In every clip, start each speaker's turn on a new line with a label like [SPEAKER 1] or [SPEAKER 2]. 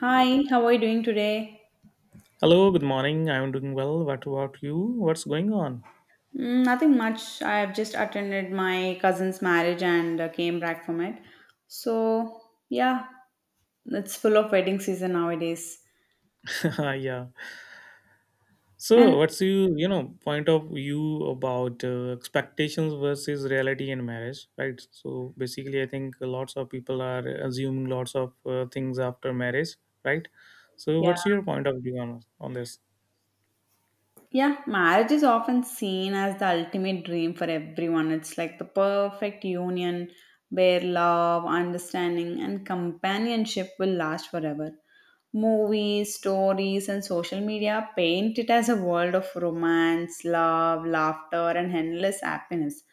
[SPEAKER 1] Hi, how are you doing today?
[SPEAKER 2] Hello, good morning. I'm doing well. What about you? What's going on?
[SPEAKER 1] Mm, nothing much. I have just attended my cousin's marriage and came back from it. So, yeah, it's full of wedding season nowadays.
[SPEAKER 2] yeah. So,
[SPEAKER 1] And
[SPEAKER 2] what's you you know point of view about expectations versus reality in marriage, right? So basically, I think lots of people are assuming lots of things after marriage, right? So,
[SPEAKER 1] yeah,
[SPEAKER 2] what's your point of view on this?
[SPEAKER 1] Yeah, marriage is often seen as the ultimate dream for everyone. It's like the perfect union where love, understanding, and companionship will last forever. Movies, stories, and social media paint it as a world of romance, love, laughter, and endless happiness.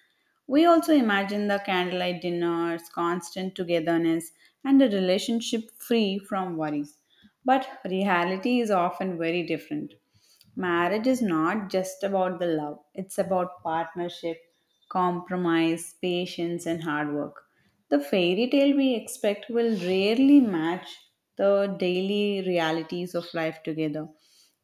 [SPEAKER 1] We also imagine the candlelight dinners, constant togetherness, and a relationship free from worries. But reality is often very different. Marriage is not just about the love, it's about partnership, compromise, patience, and hard work. The fairy tale we expect will rarely match the daily realities of life together.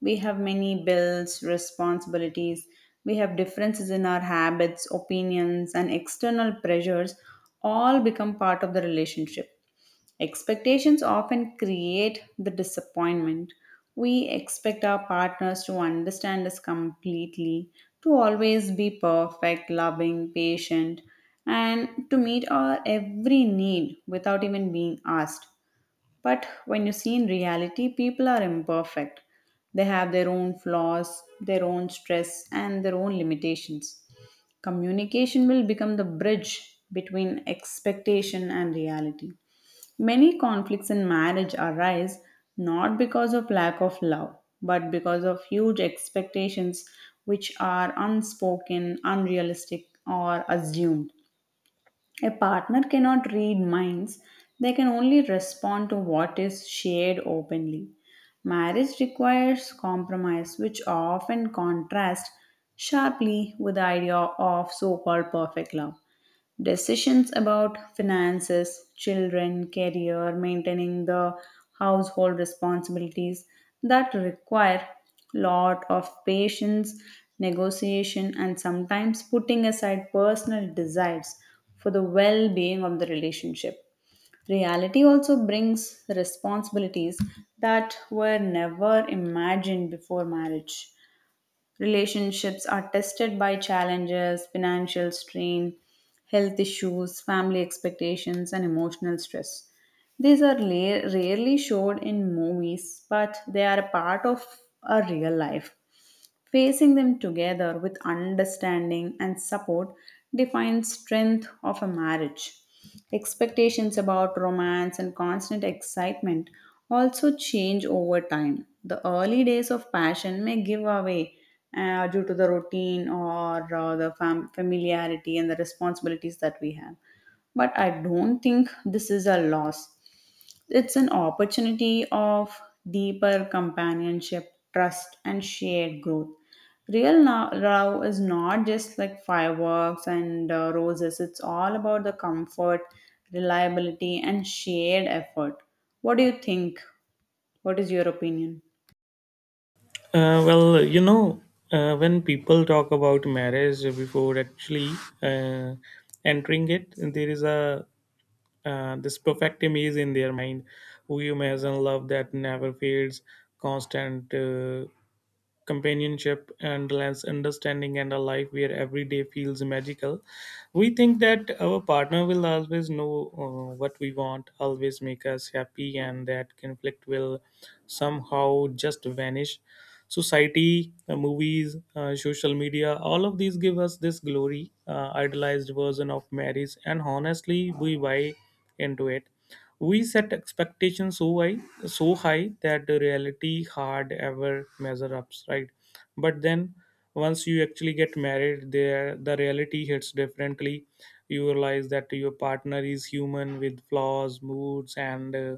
[SPEAKER 1] We have many bills, responsibilities, we have differences in our habits, opinions, and external pressures all become part of the relationship. Expectations often create the disappointment. We expect our partners to understand us completely, to always be perfect, loving, patient, and to meet our every need without even being asked. But when you see in reality, people are imperfect. They have their own flaws, their own stress, and their own limitations. Communication will become the bridge between expectation and reality. Many conflicts in marriage arise not because of lack of love, but because of huge expectations which are unspoken, unrealistic, or assumed. A partner cannot read minds, they can only respond to what is shared openly. Marriage requires compromise, which often contrasts sharply with the idea of so called perfect love. Decisions about finances, children, career, maintaining the household responsibilities that require lot of patience, negotiation and sometimes putting aside personal desires for the well-being of the relationship. Reality also brings responsibilities that were never imagined before marriage. Relationships are tested by challenges, financial strain, health issues, family expectations, and emotional stress. These are rarely showed in movies, but they are a part of our real life. Facing them together with understanding and support defines strength of a marriage. Expectations about romance and constant excitement also change over time. The early days of passion may give away due to the routine or the familiarity and the responsibilities that we have. But I don't think this is a loss. It's an opportunity of deeper companionship, trust, and shared growth. Real now love is not just like fireworks and roses, it's all about the comfort, reliability, and shared effort. What do you think? What is your opinion?
[SPEAKER 2] Uh, well, you know, when people talk about marriage before actually uh, entering it, there is a this perfect image in their mind. We imagine love that never fades, constant companionship and less understanding, and a life where every day feels magical. We think that our partner will always know what we want, always make us happy, and that conflict will somehow just vanish. Society, movies, social media, all of these give us this glory, idolized version of marriage, and honestly, we buy into it. We set expectations so high that the reality hard ever measure up, right? But then, once you actually get married, there the reality hits differently. You realize that your partner is human with flaws, moods, and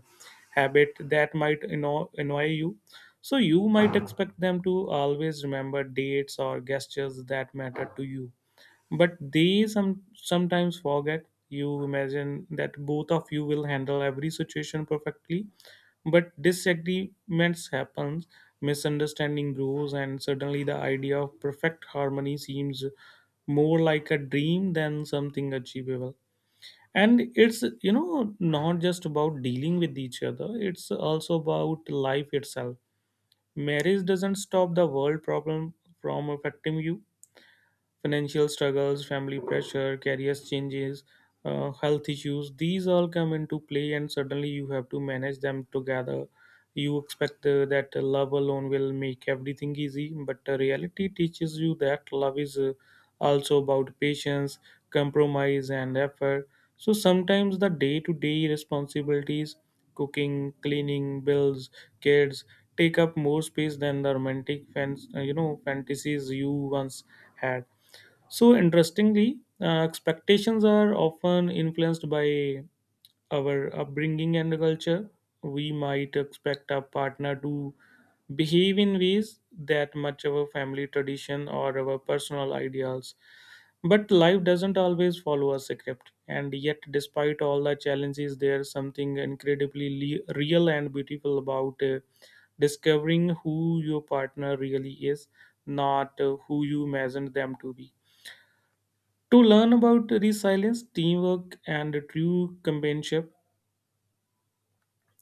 [SPEAKER 2] habit that might annoy you. So you might expect them to always remember dates or gestures that matter to you, but they sometimes forget. You imagine that both of you will handle every situation perfectly, but disagreements happen, misunderstanding grows, and suddenly the idea of perfect harmony seems more like a dream than something achievable. And it's, not just about dealing with each other, it's also about life itself. Marriage doesn't stop the world problem from affecting you. Financial struggles, family pressure, career changes, health issues. These all come into play, and suddenly you have to manage them together. You expect that love alone will make everything easy, but the reality teaches you that love is, also about patience, compromise, and effort. So sometimes the day to day responsibilities, cooking, cleaning, bills, kids, take up more space than the romantic fans, fantasies you once had. So interestingly, expectations are often influenced by our upbringing and culture. We might expect our partner to behave in ways that match our family tradition or our personal ideals. But life doesn't always follow a script, and yet, despite all the challenges, there's something incredibly real and beautiful about discovering who your partner really is, not who you imagined them to be, to learn about resilience, teamwork, and true companionship.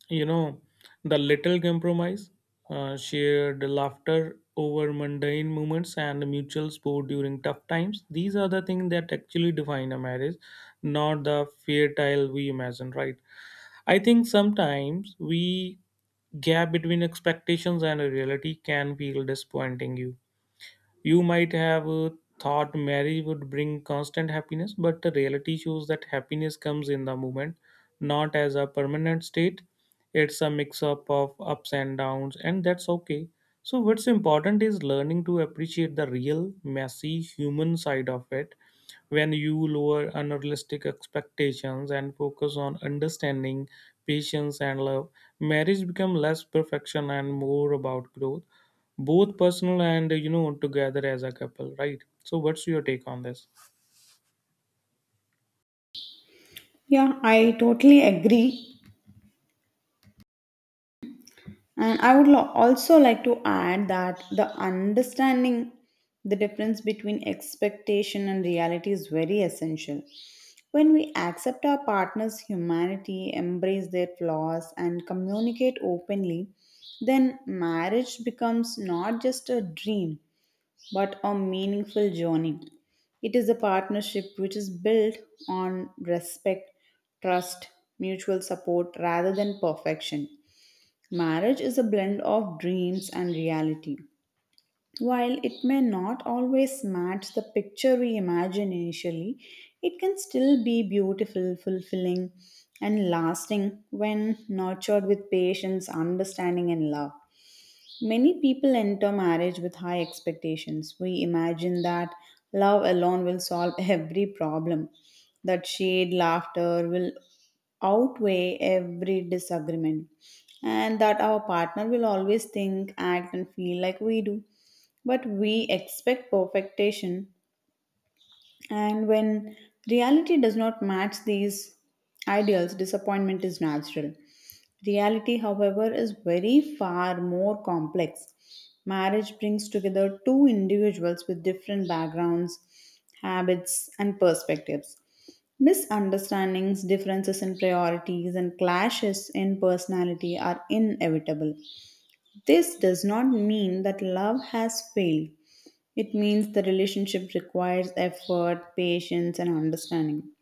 [SPEAKER 2] You know, the little compromise, shared laughter over mundane moments, and mutual support during tough times. These are the things that actually define a marriage, not the fairy tale we imagine, right? I think sometimes we gap between expectations and reality can feel disappointing. You You might have thought marriage would bring constant happiness, but the reality shows that happiness comes in the moment, not as a permanent state. It's a mix up of ups and downs, and that's okay. So, what's important is learning to appreciate the real, messy human side of it. When you lower unrealistic expectations and focus on understanding, patience, and love, marriage becomes less perfection and more about growth, both personal and, together as a couple, right? So what's your take on this?
[SPEAKER 1] Yeah, I totally agree. And I would also like to add that the understanding the difference between expectation and reality is very essential. When we accept our partner's humanity, embrace their flaws, and communicate openly, then marriage becomes not just a dream but a meaningful journey. It is a partnership which is built on respect, trust, mutual support rather than perfection. Marriage is a blend of dreams and reality. While it may not always match the picture we imagine initially, it can still be beautiful, fulfilling, and lasting when nurtured with patience, understanding, and love. Many people enter marriage with high expectations. We imagine that love alone will solve every problem, that shared laughter will outweigh every disagreement, and that our partner will always think, act, and feel like we do. But we expect perfection and when reality does not match these ideals, disappointment is natural. Reality, however, is very far more complex. Marriage brings together two individuals with different backgrounds, habits, and perspectives. Misunderstandings, differences in priorities, and clashes in personality are inevitable. This does not mean that love has failed. It means the relationship requires effort, patience, and understanding.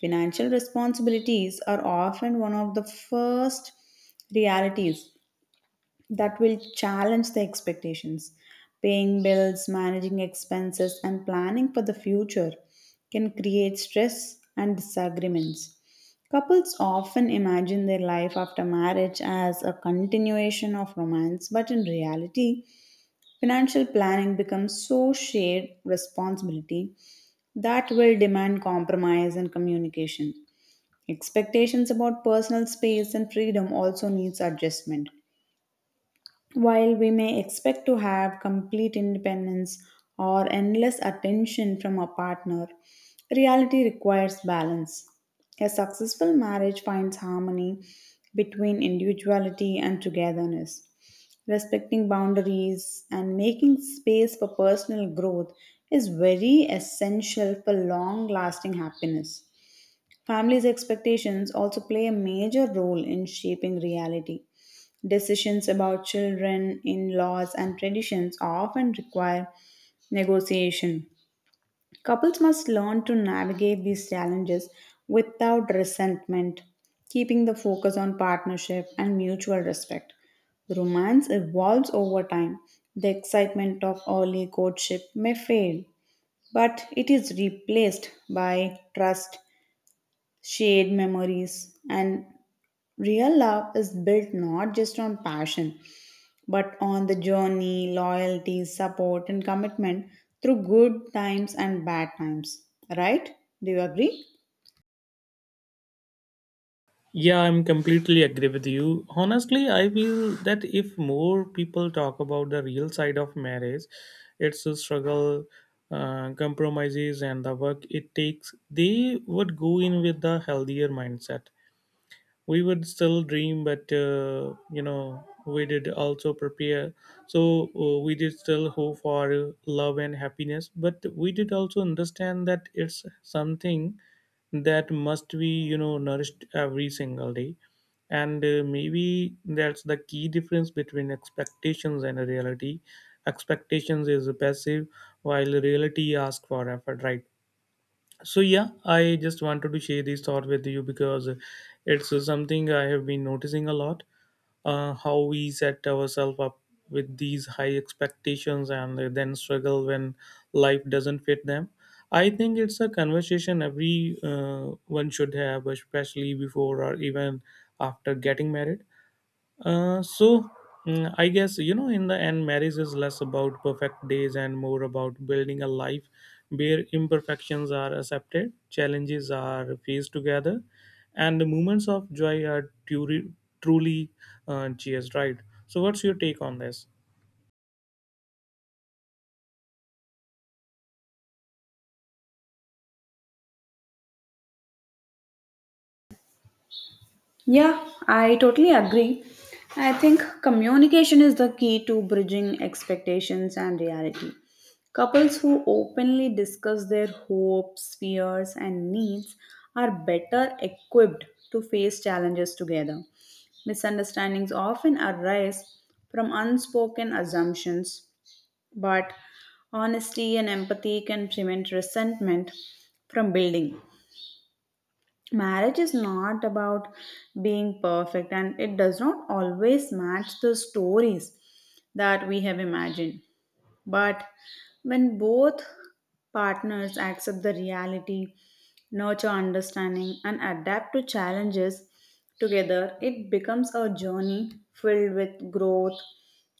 [SPEAKER 1] Financial responsibilities are often one of the first realities that will challenge the expectations. Paying bills, managing expenses, and planning for the future can create stress and disagreements. Couples often imagine their life after marriage as a continuation of romance, but in reality, financial planning becomes so shared responsibility that will demand compromise and communication. Expectations about personal space and freedom also needs adjustment. While we may expect to have complete independence or endless attention from our partner, reality requires balance. A successful marriage finds harmony between individuality and togetherness. Respecting boundaries and making space for personal growth is very essential for long lasting happiness. Families' expectations also play a major role in shaping reality. Decisions about children, in laws, and traditions often require negotiation. Couples must learn to navigate these challenges without resentment, keeping the focus on partnership and mutual respect. Romance evolves over time. The excitement of early courtship may fade, but it is replaced by trust, shared memories, and real love is built not just on passion but on the journey, loyalty, support, and commitment through good times and bad times. Right? Do you agree?
[SPEAKER 2] Yeah, I'm completely agree with you. Honestly, I feel that if more people talk about the real side of marriage, it's a struggle, compromises, and the work it takes, they would go in with a healthier mindset. We would still dream, but we did also prepare. So we did still hope for love and happiness, but we did also understand that it's something that must be, nourished every single day. And maybe that's the key difference between expectations and reality. Expectations is passive, while reality asks for effort, right? So yeah, I just wanted to share this thought with you because it's something I have been noticing a lot. How we set ourselves up with these high expectations and then struggle when life doesn't fit them. I think it's a conversation every one should have, especially before or even after getting married. uh, so I guess, in the end, marriage is less about perfect days and more about building a life where imperfections are accepted, challenges are faced together, and the moments of joy are truly cheers, right? So what's your take on this?
[SPEAKER 1] Yeah, I totally agree. I think communication is the key to bridging expectations and reality. Couples who openly discuss their hopes, fears, and needs are better equipped to face challenges together. Misunderstandings often arise from unspoken assumptions but honesty and empathy can prevent resentment from building. Marriage is not about being perfect, and it does not always match the stories that we have imagined. But when both partners accept the reality, nurture understanding, and adapt to challenges together, it becomes a journey filled with growth,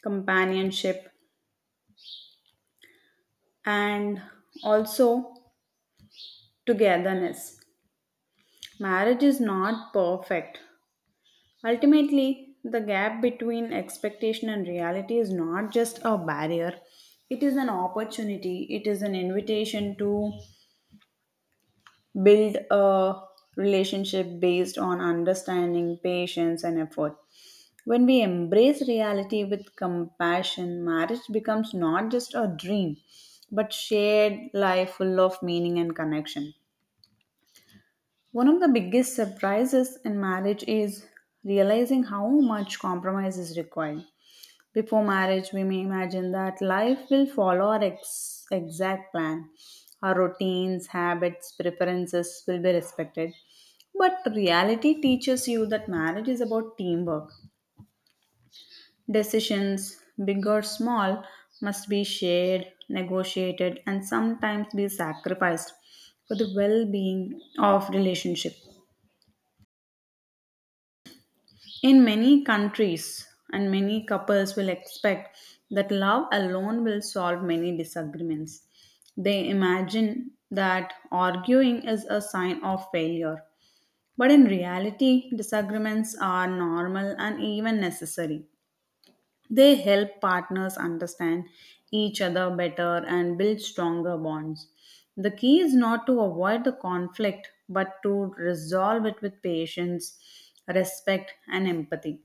[SPEAKER 1] companionship, and also togetherness. Marriage is not perfect. Ultimately, the gap between expectation and reality is not just a barrier, it is an opportunity, it is an invitation to build a relationship based on understanding, patience, and effort. When we embrace reality with compassion, marriage becomes not just a dream, but shared life full of meaning and connection. One of the biggest surprises in marriage is realizing how much compromise is required. Before marriage, we may imagine that life will follow our exact plan. Our routines, habits, preferences will be respected. But reality teaches you that marriage is about teamwork. Decisions, big or small, must be shared, negotiated, and sometimes be sacrificed for the well being of relationship. In many countries, and many couples will expect that love alone will solve many disagreements. They imagine that arguing is a sign of failure. But in reality, disagreements are normal and even necessary. They help partners understand each other better and build stronger bonds. The key is not to avoid the conflict, but to resolve it with patience, respect, and empathy.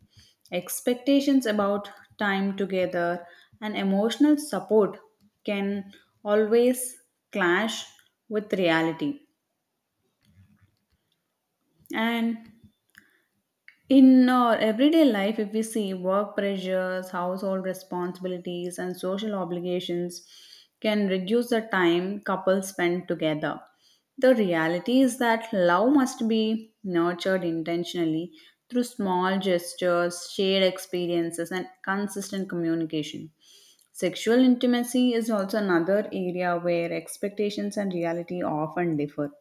[SPEAKER 1] Expectations about time together and emotional support can always clash with reality. And in our everyday life, if we see work pressures, household responsibilities, and social obligations can reduce the time couples spend together. The reality is that love must be nurtured intentionally through small gestures, shared experiences, and consistent communication. Sexual intimacy is also another area where expectations and reality often differ.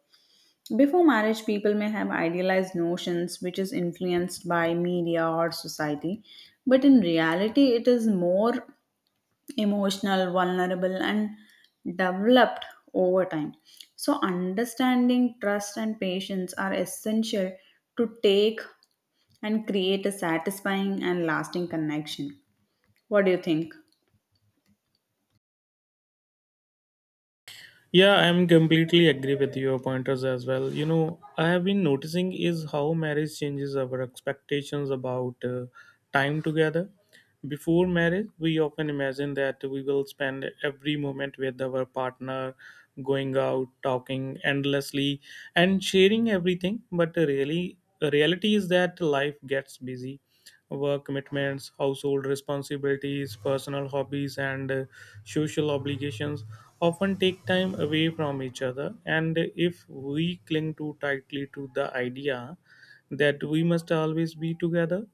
[SPEAKER 1] Before marriage, people may have idealized notions which is influenced by media or society, but in reality, it is more emotional, vulnerable, and developed over time. So, understanding trust and patience are essential to take and create a satisfying and lasting connection. What do you think?
[SPEAKER 2] Yeah, I'm completely agree with your pointers as well. You know, I have been noticing is how marriage changes our expectations about time together. Before marriage, we often imagine that we will spend every moment with our partner, going out, talking endlessly, and sharing everything. But really, reality is that life gets busy. Work commitments, household responsibilities, personal hobbies, and social obligations often take time away from each other. And if we cling too tightly to the idea that we must always be together,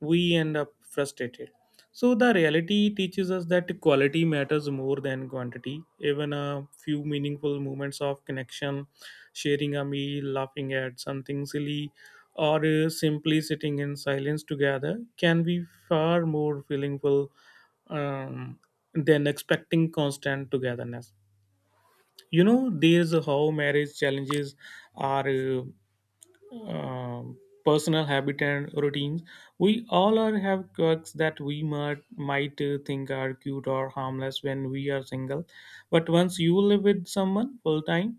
[SPEAKER 2] we end up frustrated. So, the reality teaches us that quality matters more than quantity. Even a few meaningful moments of connection, sharing a meal, laughing at something silly, or simply sitting in silence together, can be far more meaningful um, than expecting constant togetherness. You know, there's how marriage challenges are, um, personal habit and routines. We all are have quirks that we might think are cute or harmless when we are single, but once you live with someone full time,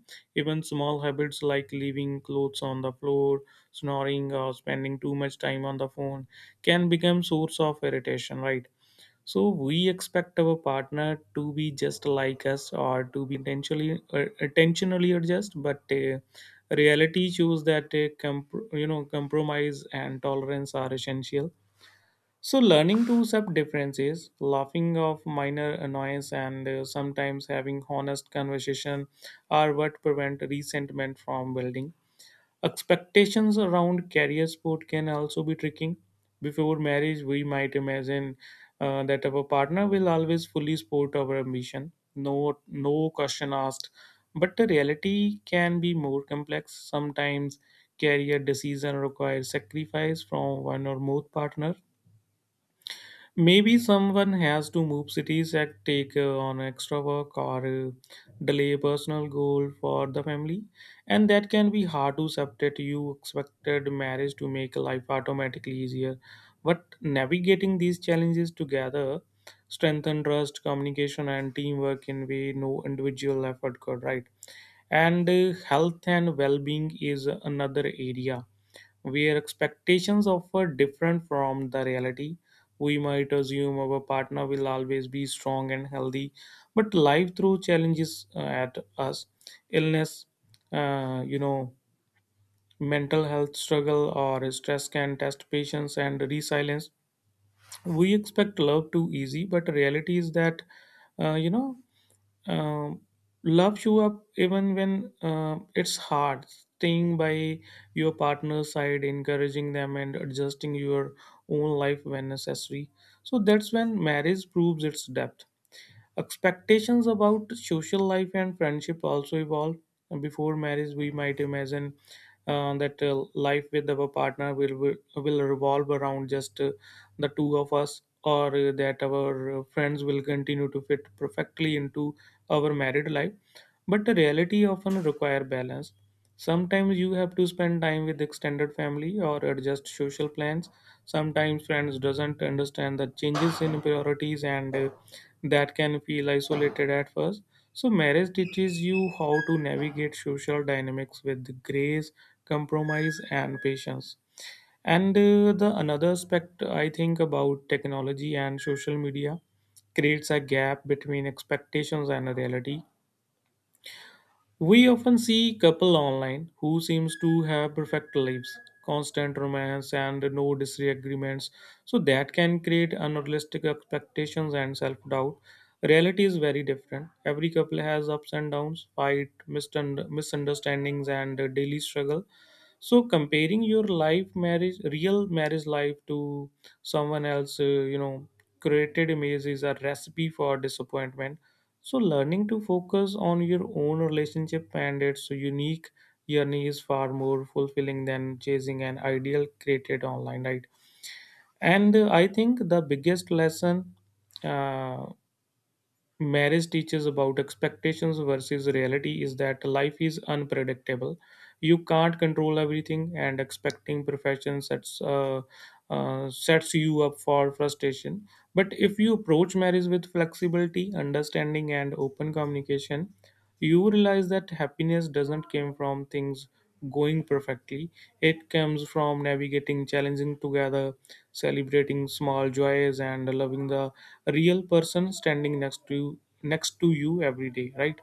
[SPEAKER 2] even small habits like leaving clothes on the floor, snoring, or spending too much time on the phone can become source of irritation. Right? So we expect our partner to be just like us or to be intentionally adjust, but reality shows that compromise and tolerance are essential. So learning to accept differences, laughing off minor annoyance, and sometimes having honest conversation are what prevent resentment from building. Expectations around career support can also be tricky. Before marriage, we might imagine that our partner will always fully support our ambition, no question asked. But the reality can be more complex. Sometimes career decision requires sacrifice from one or both partner. Maybe someone has to move cities and take on extra work or delay a personal goal for the family. And that can be hard to separate. You expected marriage to make life automatically easier. But navigating these challenges together strengthen trust, communication, and teamwork in way no individual effort could, right? And health and well being is another area where expectations offer different from the reality. We might assume our partner will always be strong and healthy, but life throws challenges at us. Illness, you know, mental health struggle or stress can test patience and resilience. We expect love too easy, but reality is that, uh, you know um, love you up even when it's hard, staying by your partner's side, encouraging them, and adjusting your own life when necessary. So that's when marriage proves its depth. Expectations about social life and friendship also evolve. Before marriage, we might imagine that life with our partner will revolve around just the two of us, or that our friends will continue to fit perfectly into our married life. But the reality often require balance. Sometimes you have to spend time with extended family or adjust social plans. Sometimes friends doesn't understand the changes in priorities, and that can feel isolated at first. So, marriage teaches you how to navigate social dynamics with grace, compromise, and patience. And the another aspect I think about, technology and social media creates a gap between expectations and reality. We often see couple online who seems to have perfect lives, constant romance and no disagreements. So that can create unrealistic expectations and self-doubt. Reality is very different. Every couple has ups and downs, fight, misunderstandings, and daily struggle. So comparing your life marriage, real marriage life to someone else, created image is a recipe for disappointment. So learning to focus on your own relationship and its unique journey is far more fulfilling than chasing an ideal created online, right? And I think the biggest lesson, uh, marriage teaches about expectations versus reality is that life is unpredictable. You can't control everything, and expecting perfection sets you up for frustration. But if you approach marriage with flexibility, understanding, and open communication, you realize that happiness doesn't come from things going perfectly. It comes from navigating challenges together, celebrating small joys, and loving the real person standing next to you every day. Right?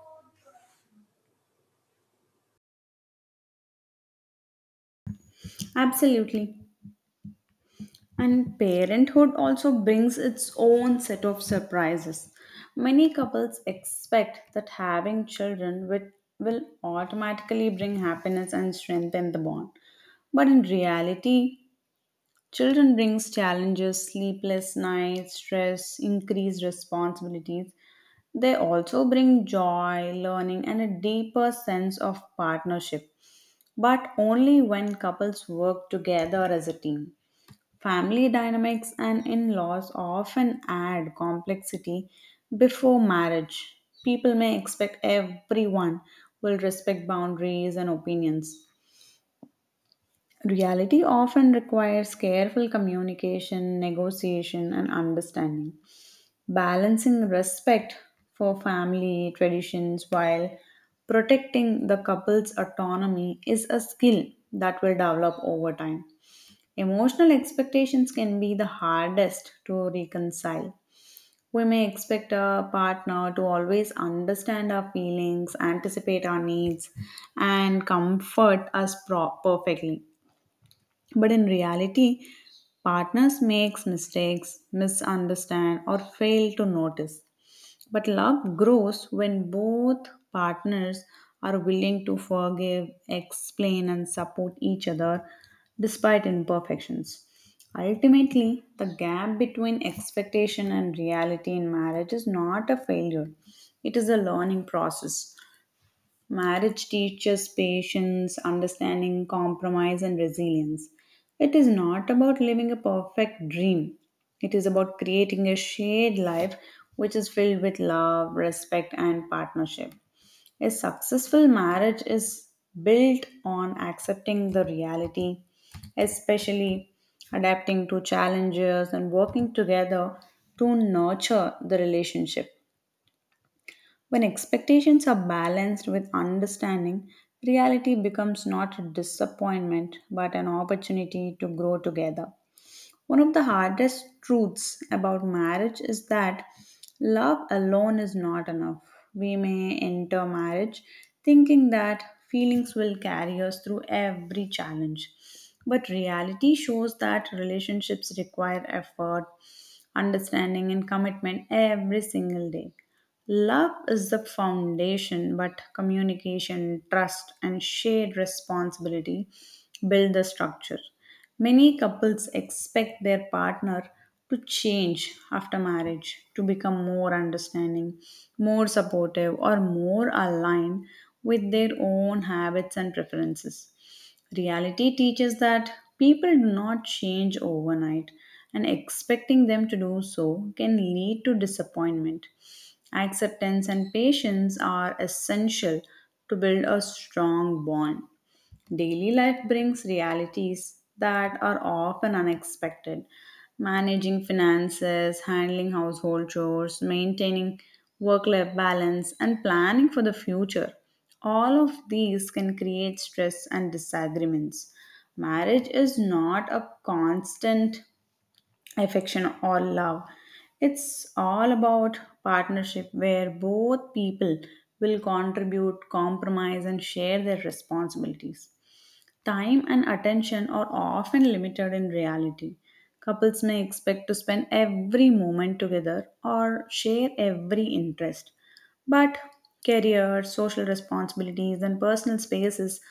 [SPEAKER 1] Absolutely. And parenthood also brings its own set of surprises. Many couples expect that having children will automatically bring happiness and strengthen the bond. But in reality, children brings challenges, sleepless nights, stress, increased responsibilities. They also bring joy, learning and a deeper sense of partnership, but only when couples work together as a team. Family dynamics and in laws often add complexity before marriage. People may expect everyone will respect boundaries and opinions. Reality often requires careful communication, negotiation, and understanding. Balancing respect for family traditions while protecting the couple's autonomy is a skill that will develop over time. Emotional expectations can be the hardest to reconcile. We may expect a partner to always understand our feelings, anticipate our needs, and comfort us perfectly. But in reality, partners makes mistakes, misunderstand or fail to notice. But love grows when both partners are willing to forgive, explain, and support each other despite imperfections. Ultimately, the gap between expectation and reality in marriage is not a failure, it is a learning process. Marriage teaches patience, understanding, compromise, and resilience. It is not about living a perfect dream, it is about creating a shared life which is filled with love, respect, and partnership. A successful marriage is built on accepting the reality, especially adapting to challenges and working together to nurture the relationship. When expectations are balanced with understanding, reality becomes not a disappointment but an opportunity to grow together. One of the hardest truths about marriage is that love alone is not enough. We may enter marriage thinking that feelings will carry us through every challenge. But reality shows that relationships require effort, understanding, and commitment every single day. Love is the foundation, but communication, trust, and shared responsibility build the structure. Many couples expect their partner to change after marriage, to become more understanding, more supportive, or more aligned with their own habits and preferences. Reality teaches that people do not change overnight, and expecting them to do so can lead to disappointment. Acceptance and patience are essential to build a strong bond. Daily life brings realities that are often unexpected. Managing finances, handling household chores, maintaining work life balance, and planning for the future. All of these can create stress and disagreements. Marriage is not a constant affection or love, it's all about partnership where both people will contribute, compromise, and share their responsibilities. Time and attention are often limited in reality. Couples may expect to spend every moment together or share every interest. But career, social responsibilities, and personal spaces,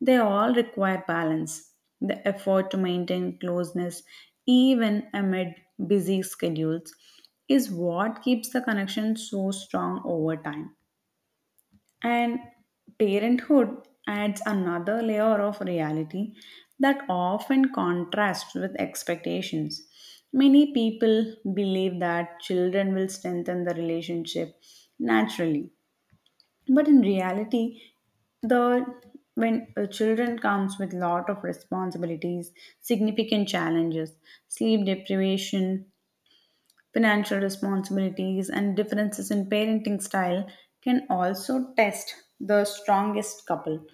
[SPEAKER 1] they all require balance. The effort to maintain closeness, even amid busy schedules, is what keeps the connection so strong over time. And parenthood adds another layer of reality that often contrasts with expectations. Many people believe that children will strengthen the relationship naturally, but in reality, the when children comes with lot of responsibilities, significant challenges, sleep deprivation, financial responsibilities and differences in parenting style can also test the strongest couple.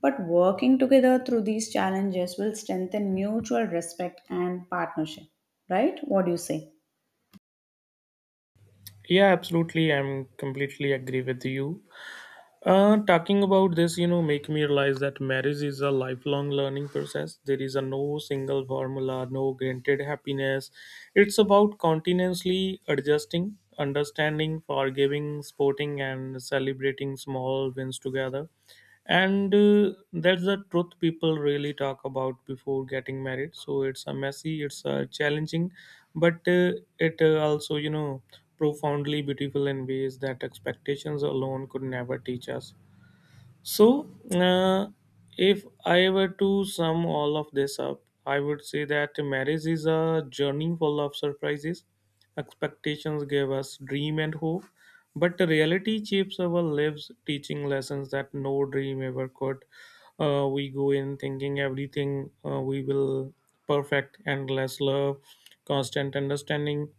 [SPEAKER 1] But working together through these challenges will strengthen mutual respect and partnership. Right? What do you say?
[SPEAKER 2] Yeah, absolutely. I'm completely agree with you. Talking about this, you know, make me realize that marriage is a lifelong learning process. There is a no single formula, no granted happiness. It's about continuously adjusting, understanding, forgiving, supporting, and celebrating small wins together. And that's the truth people really talk about before getting married. So it's a messy, it's a challenging, but it also, profoundly beautiful in ways that expectations alone could never teach us. So, uh, if I were to sum all of this up, I would say that marriage is a journey full of surprises. Expectations give us dream and hope, but the reality shapes our lives, teaching lessons that no dream ever could. We go in thinking everything we will perfect, endless love, constant understanding,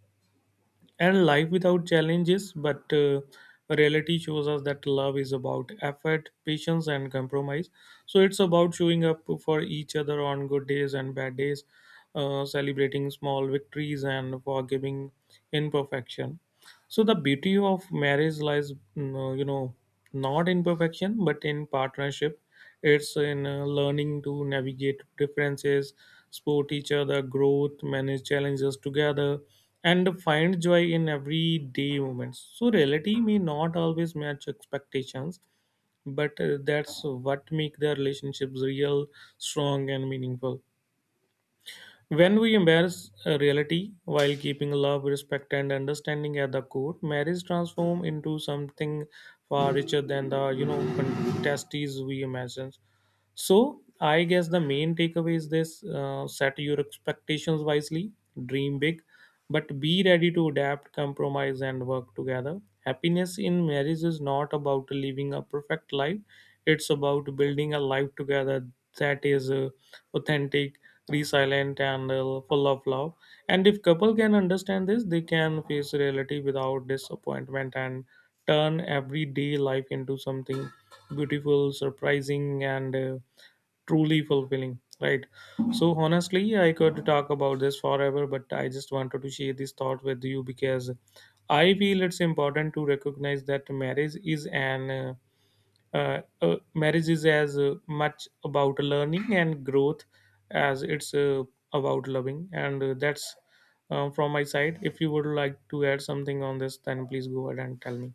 [SPEAKER 2] and life without challenges, but reality shows us that love is about effort, patience, and compromise. So it's about showing up for each other on good days and bad days, celebrating small victories and forgiving imperfection. So the beauty of marriage lies, not in perfection, but in partnership. It's in learning to navigate differences, support each other, growth, manage challenges together, and find joy in everyday moments. So reality may not always match expectations, but that's what make the relationships real, strong, and meaningful. When we embrace reality while keeping love, respect, and understanding at the core, marriage transforms into something far richer than the, contesties we imagine. So I guess the main takeaway is this: set your expectations wisely, dream big, but be ready to adapt, compromise, and work together. Happiness in marriage is not about living a perfect life; it's about building a life together that is authentic, resilient, and full of love. And if couple can understand this, they can face reality without disappointment and turn everyday life into something beautiful, surprising, and truly fulfilling, right? So honestly, I could talk about this forever, but I just wanted to share this thought with you because I feel it's important to recognize that marriage is as much about learning and growth as it's about loving. And that's from my side. If you would like to add something on this, then please go ahead and tell me.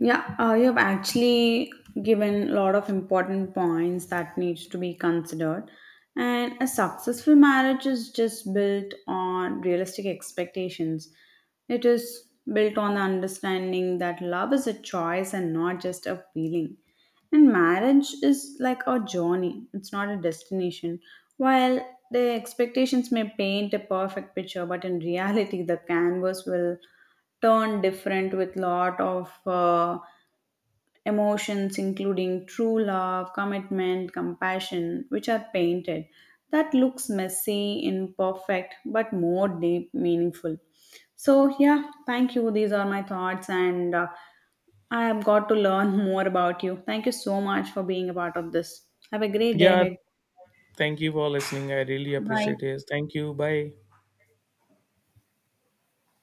[SPEAKER 1] Yeah, you have actually given a lot of important points that needs to be considered. And a successful marriage is just built on realistic expectations. It is built on the understanding that love is a choice and not just a feeling. And marriage is like a journey, it's not a destination. While the expectations may paint a perfect picture, but in reality, the canvas will turn different with lot of emotions including true love, commitment, compassion, which are painted. That looks messy, imperfect, but more deep, meaningful. So, yeah, thank you. These are my thoughts, and I have got to learn more about you. Thank you so much for being a part of this. Have a great day
[SPEAKER 2] Yeah,
[SPEAKER 1] ahead.
[SPEAKER 2] thank you for listening. I really
[SPEAKER 1] Bye.
[SPEAKER 2] appreciate it. Thank you, bye.